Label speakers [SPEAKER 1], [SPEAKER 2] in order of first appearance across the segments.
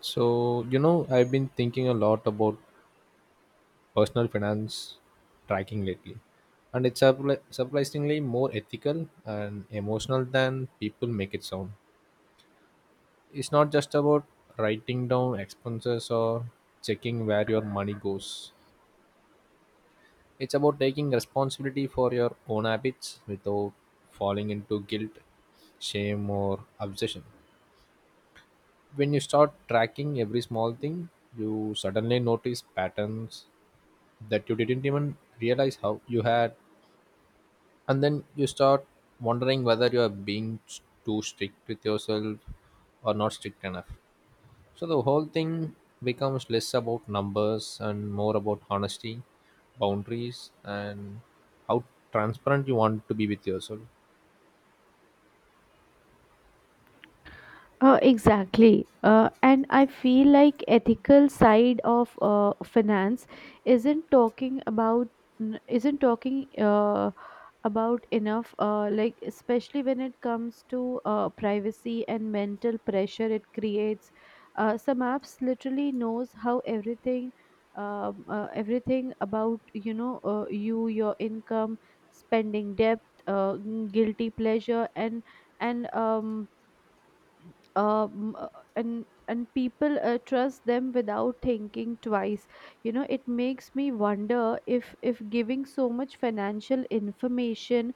[SPEAKER 1] So, you know, I've been thinking a lot about personal finance tracking lately, and it's surprisingly more ethical and emotional than people make it sound. It's not just about writing down expenses or checking where your money goes. It's about taking responsibility for your own habits without falling into guilt, shame, or obsession. When you start tracking every small thing, you suddenly notice patterns that you didn't even realize how you had, and then you start wondering whether you are being too strict with yourself or not strict enough. So the whole thing becomes less about numbers and more about honesty, boundaries, and how transparent you want to be with yourself.
[SPEAKER 2] Exactly. And I feel like ethical side of finance isn't talking about n- isn't talking about enough, like especially when it comes to privacy and mental pressure it creates. Some apps literally knows how everything, about your income, spending, debt, guilty pleasure, and um um, uh, and people trust them without thinking twice. It makes me wonder if giving so much financial information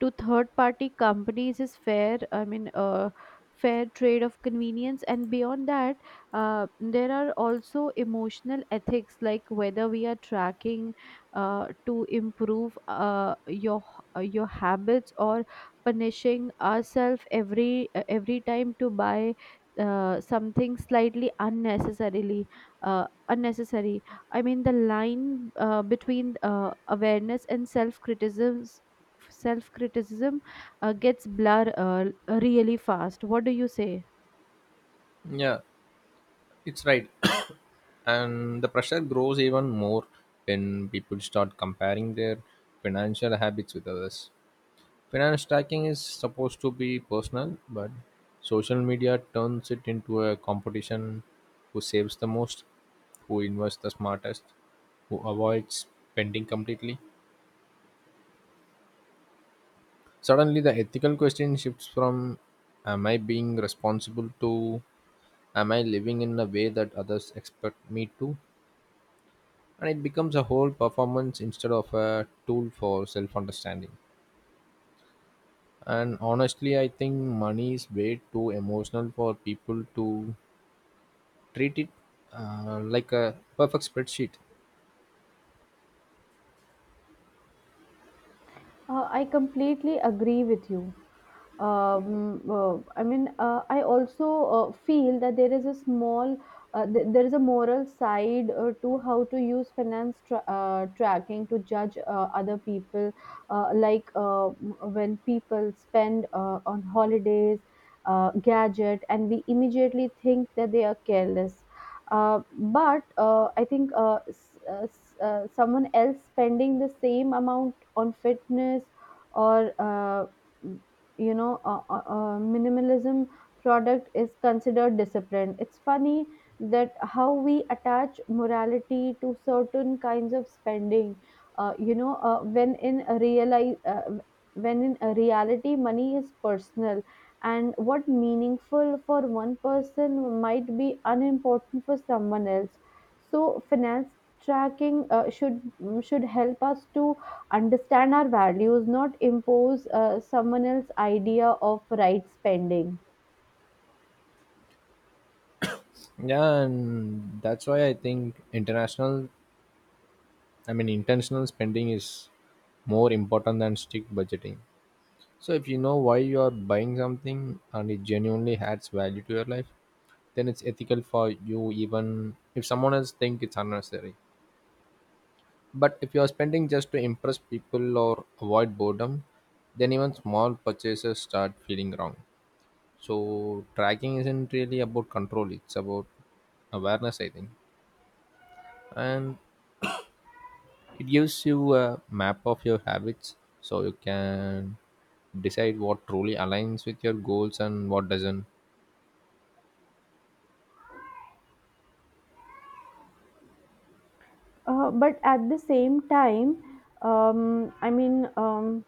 [SPEAKER 2] to third party companies is fair. I mean, fair trade of convenience. And beyond that, there are also emotional ethics, like whether we are tracking to improve your habits, or punishing ourselves every time to buy something slightly unnecessarily unnecessary. I mean, the line between awareness and self criticism gets blur really fast. What do you say?
[SPEAKER 1] Yeah, it's right. And the pressure grows even more when people start comparing their financial habits with others. Finance tracking is supposed to be personal, but social media turns it into a competition: who saves the most, who invests the smartest, who avoids spending completely. Suddenly, the ethical question shifts from "am I being responsible?" to "am I living in a way that others expect me to?" And it becomes a whole performance instead of a tool for self understanding. And honestly, I think money is way too emotional for people to treat it like a perfect spreadsheet.
[SPEAKER 2] I completely agree with you. I mean, I also feel that there is there is a moral side to how to use finance tracking to judge other people, like when people spend on holidays, gadget, and we immediately think that they are careless. But I think someone else spending the same amount on fitness, or minimalism product is considered discipline. It's funny that how we attach morality to certain kinds of spending. When in a reality, money is personal, and what meaningful for one person might be unimportant for someone else. So finance tracking should help us to understand our values, not impose someone else's idea of right spending.
[SPEAKER 1] Yeah, and that's why I think international I mean intentional spending is more important than strict budgeting. So if you know why you are buying something and it genuinely adds value to your life, then it's ethical for you, even if someone else think it's unnecessary. But if you are spending just to impress people or avoid boredom, then even small purchases start feeling wrong. So tracking isn't really about control; it's about awareness, I think. And it gives you a map of your habits, so you can decide what truly aligns with your goals and what doesn't.
[SPEAKER 2] But at the same time, I mean,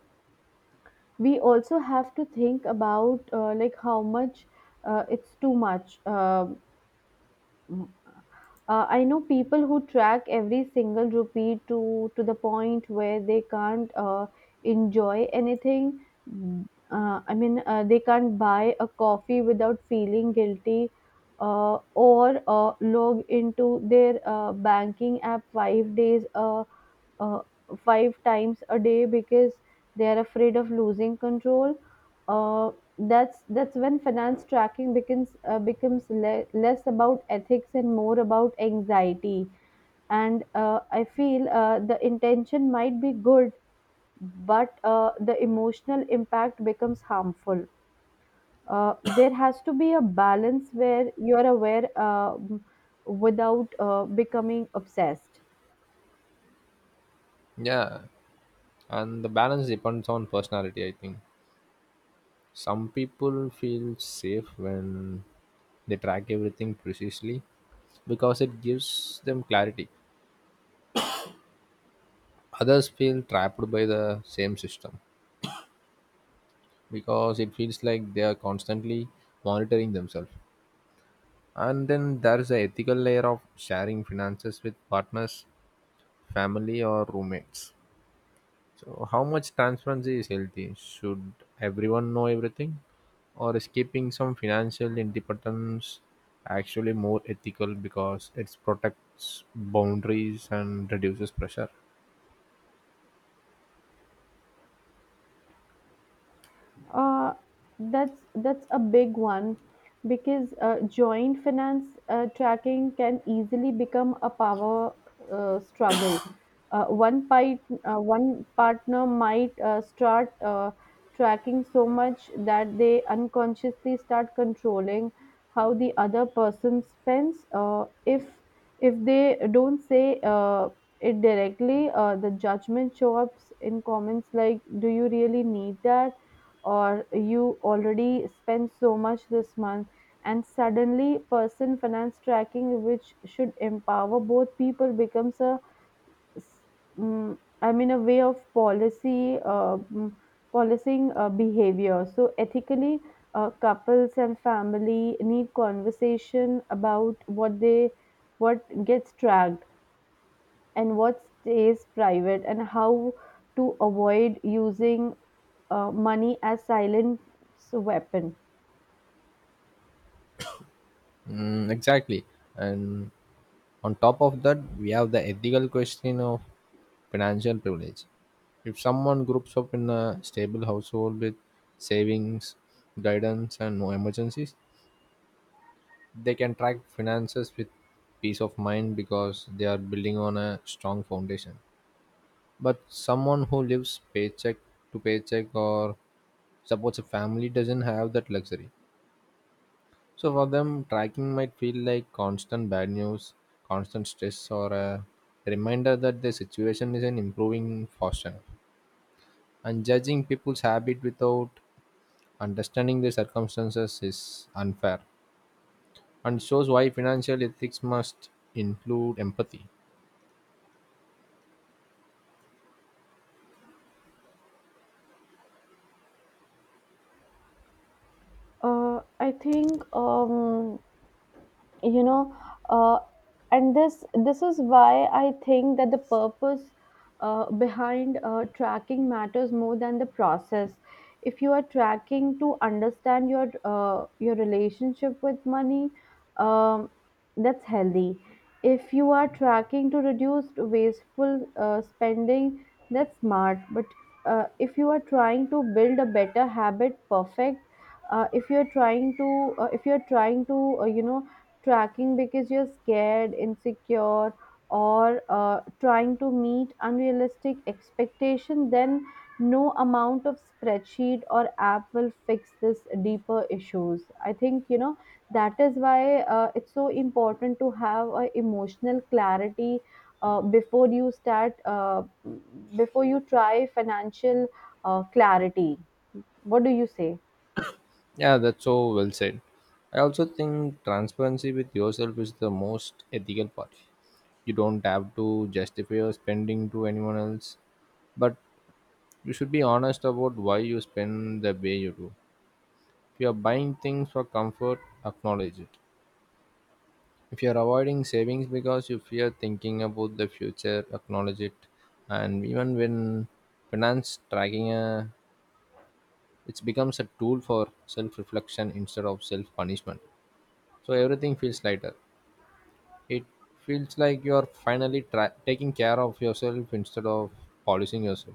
[SPEAKER 2] we also have to think about like how much it's too much. I know people who track every single rupee to the point where they can't enjoy anything. I mean, they can't buy a coffee without feeling guilty, or log into their banking app 5 days, uh, 5 times a day, because they are afraid of losing control. uh, that's when finance tracking less about ethics and more about anxiety. And I feel the intention might be good, but the emotional impact becomes harmful. There has to be a balance where you are aware without becoming obsessed.
[SPEAKER 1] Yeah, and the balance depends on personality, I think. Some people feel safe when they track everything precisely because it gives them clarity. Others feel trapped by the same system, because it feels like they are constantly monitoring themselves. And then there's the ethical layer of sharing finances with partners, family, or roommates. So, how much transparency is healthy? Should everyone know everything? Or is keeping some financial independence actually more ethical because it protects boundaries and reduces pressure?
[SPEAKER 2] Uh, that's a big one, because joint finance tracking can easily become a power struggle. Uh, one part, One partner might start tracking so much that they unconsciously start controlling how the other person spends. If they don't say it directly, the judgment shows up in comments like, "Do you really need that?" or, "You already spent so much this month," and suddenly person finance tracking, which should empower both people, becomes a, I mean, a way of policing behavior. So ethically, couples and family need conversation about what gets tracked and what stays private, and how to avoid using money as silent weapon.
[SPEAKER 1] Mm, exactly. And on top of that, we have the ethical question of financial privilege. If someone groups up in a stable household with savings, guidance, and no emergencies, they can track finances with peace of mind because they are building on a strong foundation. But someone who lives paycheck to paycheck or supports a family doesn't have that luxury. So for them, tracking might feel like constant bad news, constant stress, or a reminder that the situation isn't improving fast enough. And judging people's habit without understanding the circumstances is unfair, and shows why financial ethics must include empathy.
[SPEAKER 2] I think, you know uh, and this is why I think that the purpose behind tracking matters more than the process. If you are tracking to understand your relationship with money, um, that's healthy. If you are tracking to reduce wasteful spending, that's smart. But if you are trying to build a better habit, perfect. If you are trying to If you are trying to, tracking because you're scared, insecure, or trying to meet unrealistic expectation, then no amount of spreadsheet or app will fix this deeper issues. I think, that is why it's so important to have a emotional clarity uh, before you start uh, before you try financial clarity. What do you say?
[SPEAKER 1] Yeah, that's so well said. I also think transparency with yourself is the most ethical part. You don't have to justify your spending to anyone else, but you should be honest about why you spend the way you do. If you are buying things for comfort, acknowledge it. If you are avoiding savings because you fear thinking about the future, acknowledge it. And even when finance tracking, it becomes a tool for self reflection instead of self punishment. So everything feels lighter. It feels like you are finally taking care of yourself instead of polishing yourself.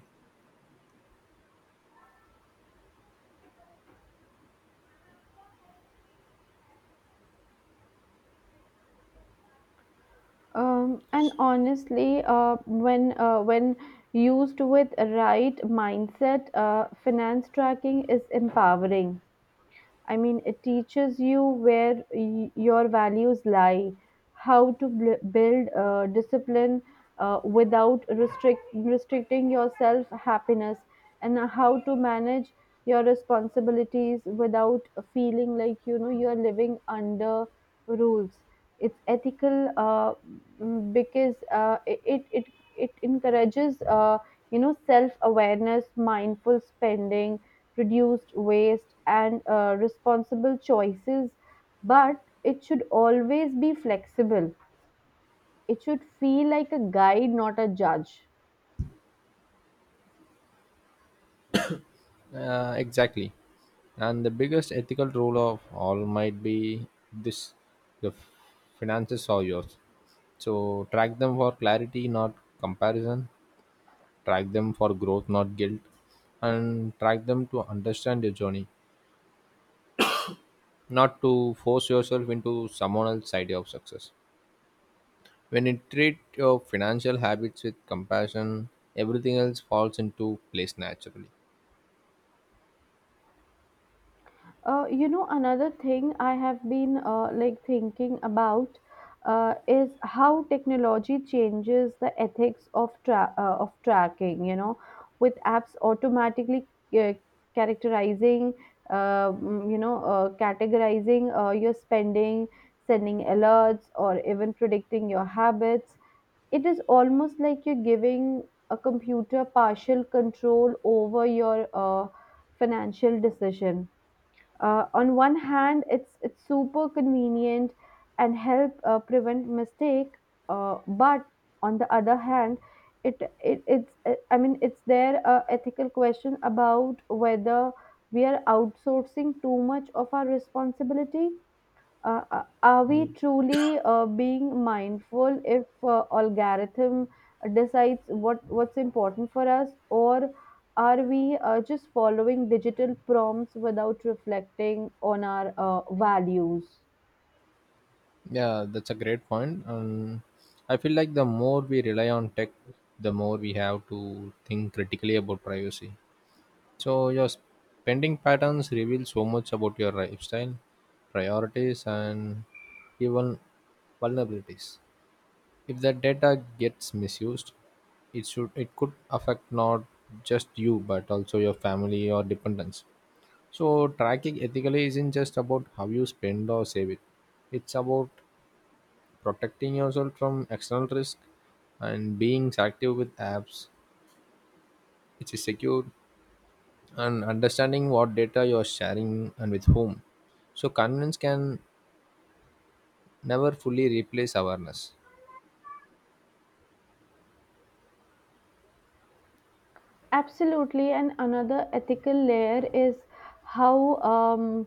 [SPEAKER 2] And honestly, when used with right mindset, finance tracking is empowering. I mean, it teaches you where your values lie, how to build discipline without restricting yourself happiness, and how to manage your responsibilities without feeling like, you are living under rules. It's ethical, because it encourages, self awareness, mindful spending, reduced waste, and responsible choices. But it should always be flexible. It should feel like a guide, not a judge.
[SPEAKER 1] Exactly. And the biggest ethical rule of all might be this: the finances are yours. So track them for clarity, not comparison. Track them for growth, not guilt. And track them to understand your journey, not to force yourself into someone else's idea of success. When you treat your financial habits with compassion, everything else falls into place naturally.
[SPEAKER 2] Another thing I have been like thinking about is how technology changes the ethics of of tracking. You know, with apps automatically uh, characterizing, mm, you know, categorizing your spending, sending alerts, or even predicting your habits. It is almost like you're giving a computer partial control over your financial decision. On one hand, it's super convenient and help prevent mistake, but on the other hand, it it's I mean, it's there a ethical question about whether we are outsourcing too much of our responsibility. Are we truly being mindful if algorithm decides what's important for us? Or are we just following digital prompts without reflecting on our values?
[SPEAKER 1] Yeah, that's a great point. I feel like the more we rely on tech, the more we have to think critically about privacy. So your spending patterns reveal so much about your lifestyle, priorities, and even vulnerabilities. If that data gets misused, it should it could affect not just you but also your family or dependents. So tracking ethically isn't just about how you spend or save it. It's about protecting yourself from external risk, and being active with apps which is secure, and understanding what data you're sharing and with whom. So convenience can never fully replace awareness.
[SPEAKER 2] Absolutely, and another ethical layer is how um,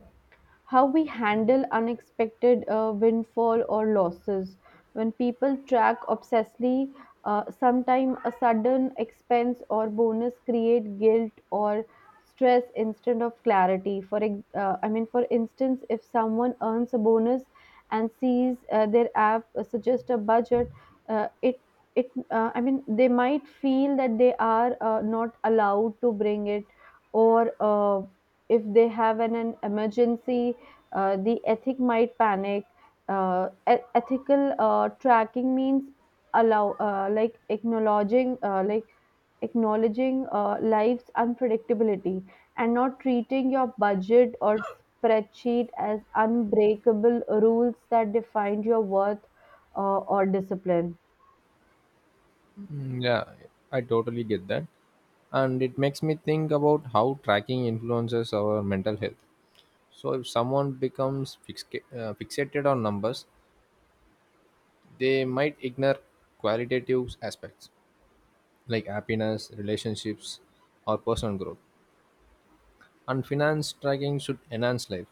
[SPEAKER 2] how we handle unexpected windfall or losses. When people track obsessively, sometimes a sudden expense or bonus create guilt or stress instead of clarity. I mean, for instance, if someone earns a bonus and sees their app suggest a budget, it it I mean they might feel that they are not allowed to bring it. Or uh, if they have an emergency, the ethic might panic. Ethical tracking means allow like acknowledging life's unpredictability, and not treating your budget or spreadsheet as unbreakable rules that define your worth, or discipline.
[SPEAKER 1] Mm, yeah, I totally get that. And it makes me think about how tracking influences our mental health. So if someone becomes fixated on numbers, they might ignore qualitative aspects like happiness, relationships, or personal growth. And finance tracking should enhance life,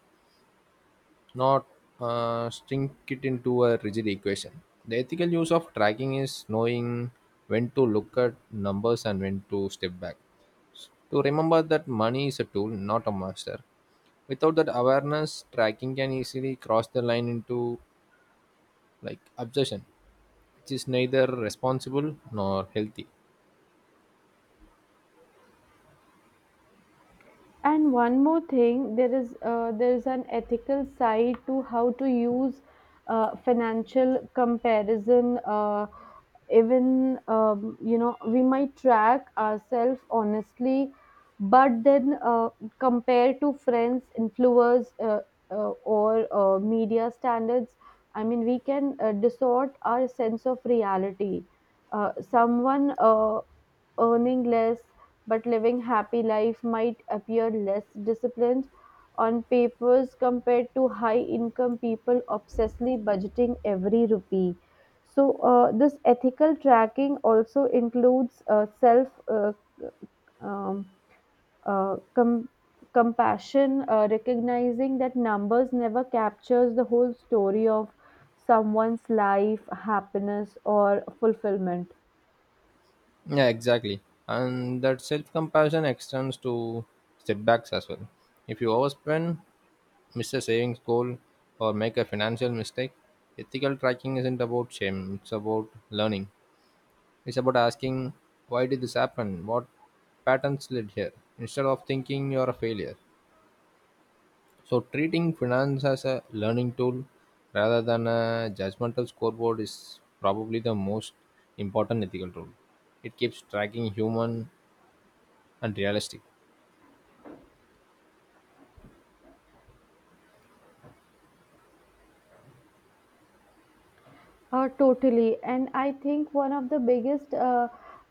[SPEAKER 1] not shrink it into a rigid equation. The ethical use of tracking is knowing when to look at numbers and when to step back. To remember that money is a tool, not a master. Without that awareness, tracking can easily cross the line into like obsession, which is neither responsible nor healthy.
[SPEAKER 2] And one more thing, there is an ethical side to how to use financial comparison. Even, you know, we might track ourselves honestly, but then compare to friends, influencers, uh, or media standards. I mean, we can distort our sense of reality. Someone earning less but living happy life might appear less disciplined on papers compared to high income people obsessively budgeting every rupee. So this ethical tracking also includes self, um, uh, com- compassion, recognizing that numbers never captures the whole story of someone's life, happiness, or fulfillment.
[SPEAKER 1] Yeah, exactly. And that self compassion extends to setbacks as well. If you overspend, miss a savings goal, or make a financial mistake, ethical tracking isn't about shame, it's about learning. It's about asking, why did this happen? What patterns led here? Instead of thinking you're a failure. So, treating finance as a learning tool rather than a judgmental scoreboard is probably the most important ethical tool. It keeps tracking human and realistic.
[SPEAKER 2] Totally. And I think one of the biggest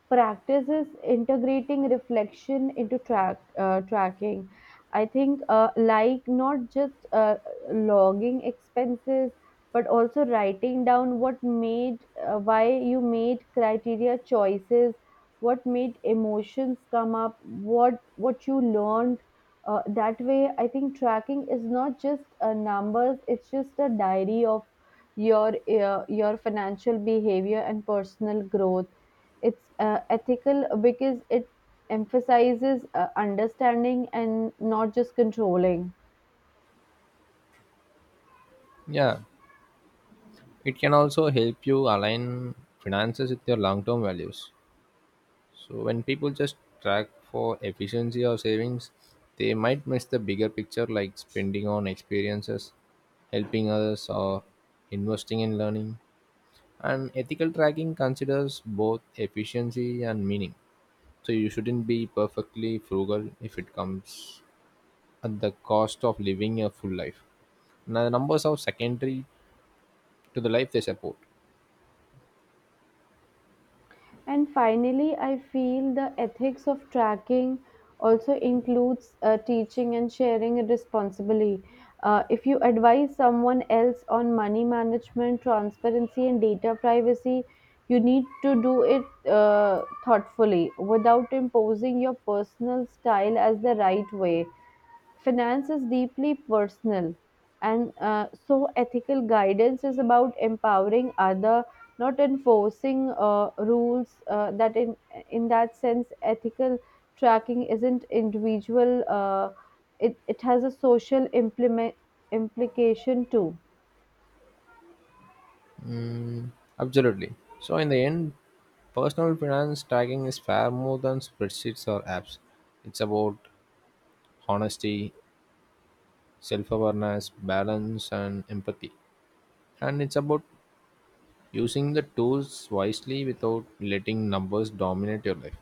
[SPEAKER 2] practices integrating reflection into tracking. I think like not just logging expenses, but also writing down what made why you made criteria choices, what made emotions come up, what you learned. That way, I think tracking is not just numbers; it's just a diary of your financial behavior and personal growth. It's ethical because it emphasizes understanding and not just controlling.
[SPEAKER 1] Yeah, it can also help you align finances with your long term values. So, when people just track for efficiency or savings, they might miss the bigger picture, like spending on experiences, helping others, or investing in learning. And ethical tracking considers both efficiency and meaning. So, you shouldn't be perfectly frugal if it comes at the cost of living a full life. Now, the numbers are secondary to the life they support.
[SPEAKER 2] And finally, I feel the ethics of tracking also includes teaching and sharing responsibly. If you advise someone else on money management, transparency, and data privacy, you need to do it thoughtfully, without imposing your personal style as the right way. Finance is deeply personal, and so ethical guidance is about empowering other, not enforcing rules. That In that sense, ethical tracking isn't individual. It has a social implement implication too.
[SPEAKER 1] Mm, absolutely. So in the end, personal finance tracking is far more than spreadsheets or apps. It's about honesty, self-awareness, balance, and empathy. And it's about using the tools wisely without letting numbers dominate your life.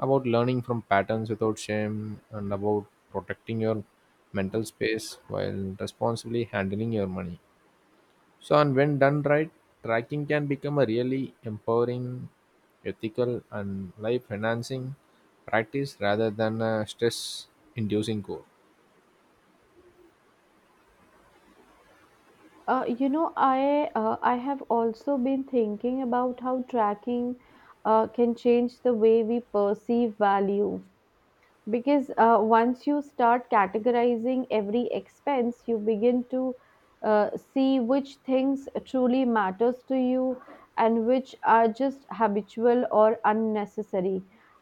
[SPEAKER 1] About learning from patterns without shame, and about protecting your mental space while responsibly handling your money. So, and when done right, tracking can become a really empowering, ethical, and life enhancing practice rather than a stress inducing goal.
[SPEAKER 2] I have also been thinking about how tracking can change the way we perceive value, because once you start categorizing every expense, you begin to see which things truly matters to you and which are just habitual or unnecessary.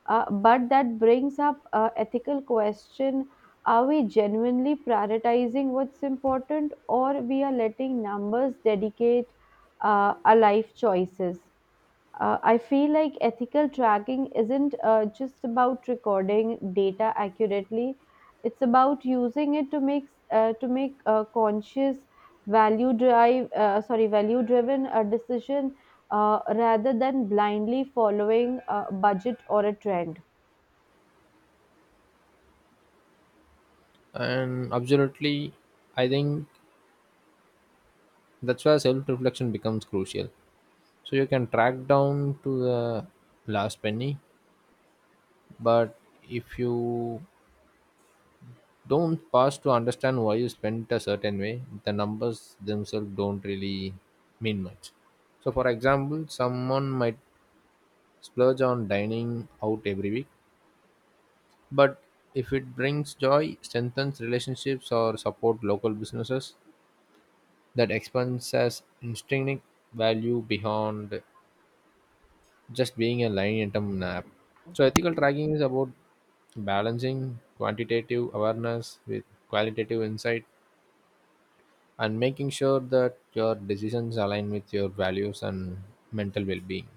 [SPEAKER 2] But that brings up a ethical question: are we genuinely prioritizing what's important, or we are letting numbers dedicate our life choices? I feel like ethical tracking isn't just about recording data accurately. It's about using it to make a conscious value driven decision, rather than blindly following a budget or a trend.
[SPEAKER 1] And absolutely, I think that's where self reflection becomes crucial. So, you can track down to the last penny, but if you don't pause to understand why you spent a certain way, the numbers themselves don't really mean much. So, for example, someone might splurge on dining out every week. But if it brings joy, strengthens relationships, or support local businesses, that expense has intrinsic value beyond just being a line item app. So ethical tracking is about balancing quantitative awareness with qualitative insight, and making sure that your decisions align with your values and mental well-being.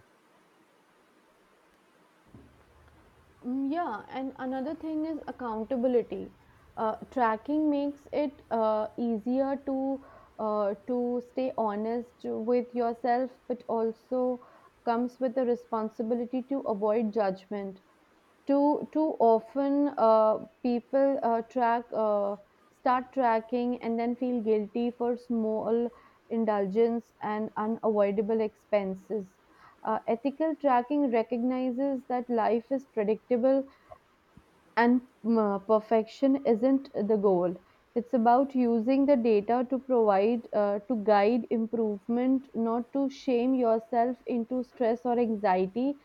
[SPEAKER 2] Mm, yeah, and another thing is accountability. Tracking makes it easier to stay honest with yourself, but also comes with the responsibility to avoid judgment. Too often, people track start tracking and then feel guilty for small indulgence and unavoidable expenses. Ethical tracking recognizes that life is predictable, and perfection isn't the goal. It's about using the data to provide, to guide improvement, not to shame yourself into stress or anxiety.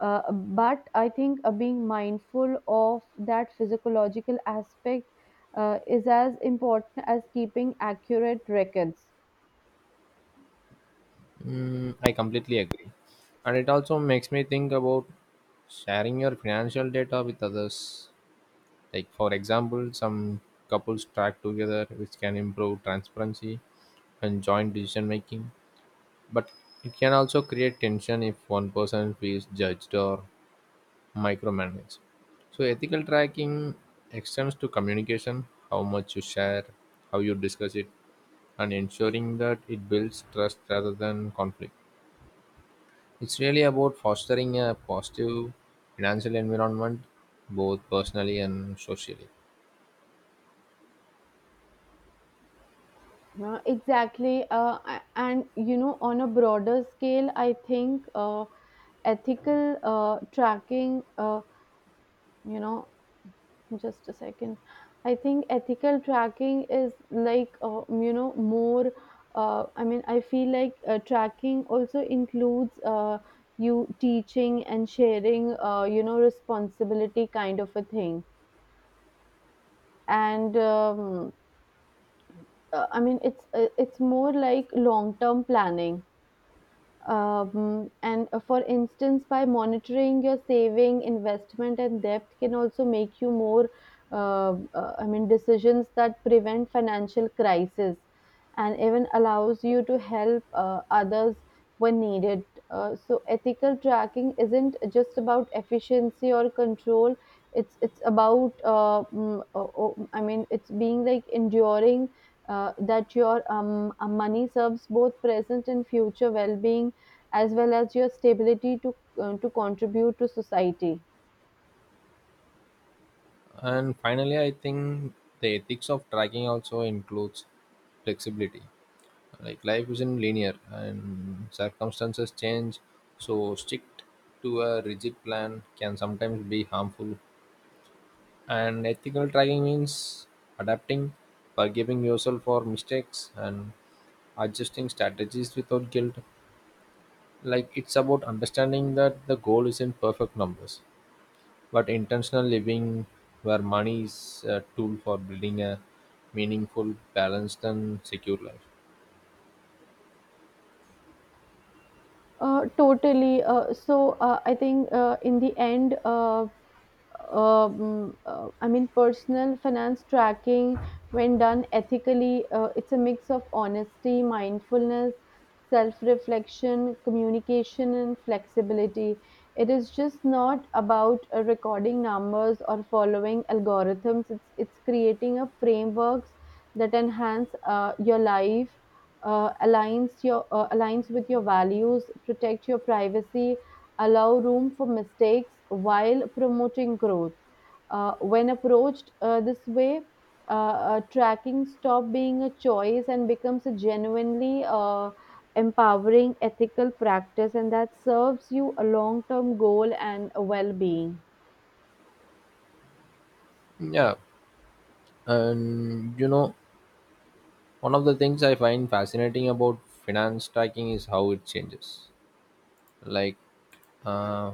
[SPEAKER 2] But I think being mindful of that physiological aspect is as important as keeping accurate records.
[SPEAKER 1] Mm, I completely agree. And it also makes me think about sharing your financial data with others. Like, for example, some couples track together, which can improve transparency and joint decision making. But it can also create tension if one person feels judged or micromanaged. So, ethical tracking extends to communication, how much you share, how you discuss it, and ensuring that it builds trust rather than conflict. It's really about fostering a positive financial environment, both personally and socially.
[SPEAKER 2] Exactly. And, you know, on a broader scale, I think. Ethical tracking you know Just a second. I think ethical tracking is like, you know, more I mean I feel like tracking also includes, you teaching and sharing, you know, responsibility kind of a thing. And I mean It's, it's more like long term planning. And For instance, by monitoring your saving, investment, and debt can also make you more decisions that prevent financial crisis and even allows you to help, others when needed. So ethical tracking isn't just about efficiency or control. It's about, it's being like enduring, that your money serves both present and future well-being, as well as your stability to, to contribute to society.
[SPEAKER 1] And finally, I think the ethics of tracking also includes flexibility. Like life isn't linear and circumstances change, so strict to a rigid plan can sometimes be harmful. And ethical tracking means adapting, forgiving yourself for mistakes, and adjusting strategies without guilt. Like it's about understanding that the goal isn't perfect numbers but intentional living, where money is a tool for building a meaningful, balanced, and secure life.
[SPEAKER 2] Totally. So I think, in the end, personal finance tracking, when done ethically, it's a mix of honesty, mindfulness, self reflection, communication, and flexibility. It is just not about recording numbers or following algorithms. It's creating a frameworks that enhance your life, aligns with your values, protect your privacy, allow room for mistakes while promoting growth. When approached this way, tracking stop being a choice and becomes a genuinely empowering ethical practice, and that serves you a long term goal and a well being.
[SPEAKER 1] Yeah, and you know, one of the things I find fascinating about finance tracking is how it changes, like, uh,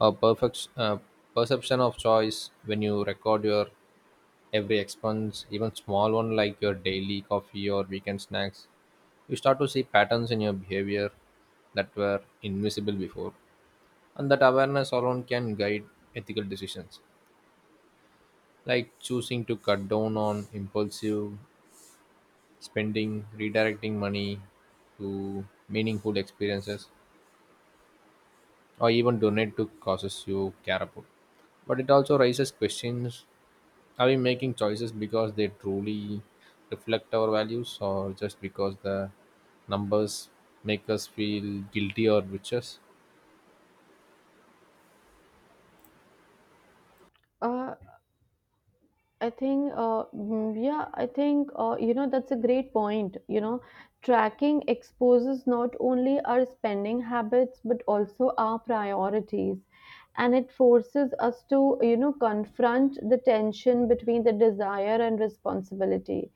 [SPEAKER 1] a perfect perception of choice. When you record your every expense, even small one like your daily coffee or weekend snacks, you start to see patterns in your behavior that were invisible before. And that awareness alone can guide ethical decisions, like choosing to cut down on impulsive spending, redirecting money to meaningful experiences, or even donate to causes you care about. But it also raises questions: are we making choices because they truly reflect our values, or just because the numbers make us feel guilty or vicious?
[SPEAKER 2] Uh, yeah, I think, you know, that's a great point. You know, tracking exposes not only our spending habits, but also our priorities. And it forces us to, you know, confront the tension between the desire and responsibility.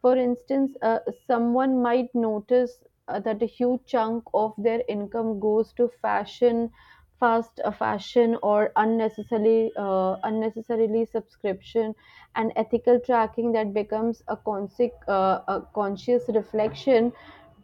[SPEAKER 2] For instance, someone might notice that a huge chunk of their income goes to fashion, fast fashion, or unnecessarily, unnecessarily subscription. And ethical tracking that becomes a, a conscious reflection.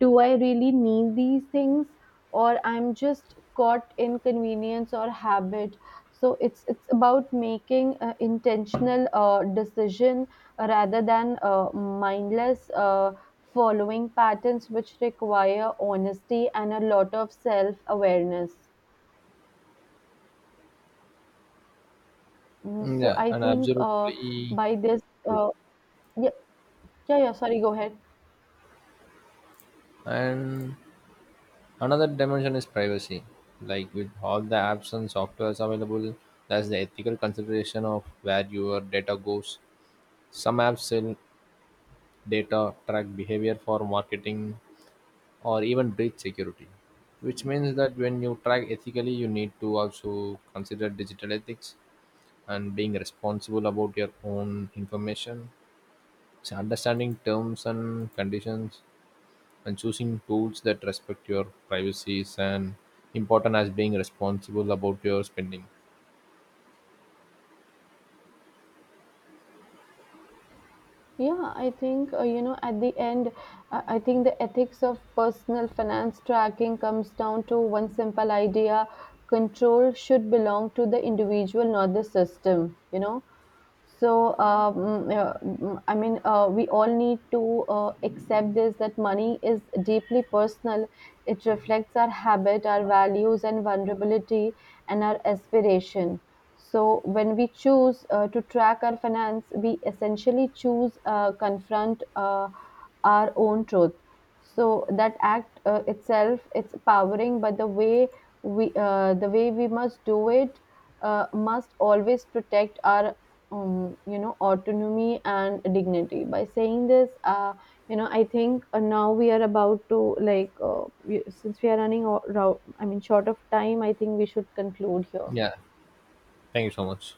[SPEAKER 2] Do I really need these things, or I'm just caught in convenience or habit? So it's about making intentional decision rather than mindless, following patterns, which require honesty and a lot of self awareness.
[SPEAKER 1] Mm,
[SPEAKER 2] So
[SPEAKER 1] yeah,
[SPEAKER 2] I
[SPEAKER 1] and
[SPEAKER 2] think,
[SPEAKER 1] absolutely
[SPEAKER 2] by this
[SPEAKER 1] true.
[SPEAKER 2] uh, yeah, yeah, sorry, go ahead.
[SPEAKER 1] And another dimension is privacy. Like with all the apps and softwares available, there's the ethical consideration of where your data goes. Some apps sell data, track behavior for marketing, or even breach security. Which means that when you track ethically, you need to also consider digital ethics and being responsible about your own information. So understanding terms and conditions and choosing tools that respect your privacy is an important as being responsible about your spending.
[SPEAKER 2] Yeah, I think, you know, at the end, I think the ethics of personal finance tracking comes down to one simple idea. Control should belong to the individual, not the system, you know. So, we all need to accept this that money is deeply personal. It reflects our habit, our values, and vulnerability, and our aspiration. So when we choose to track our finance, we essentially choose confront our own truth. So that act itself, it's powering, but the way we must do it must always protect our you know, autonomy and dignity. By saying this, you know, I think now we are about to since we are running out, I mean short of time. I think we should conclude here.
[SPEAKER 1] Yeah, thank you so much.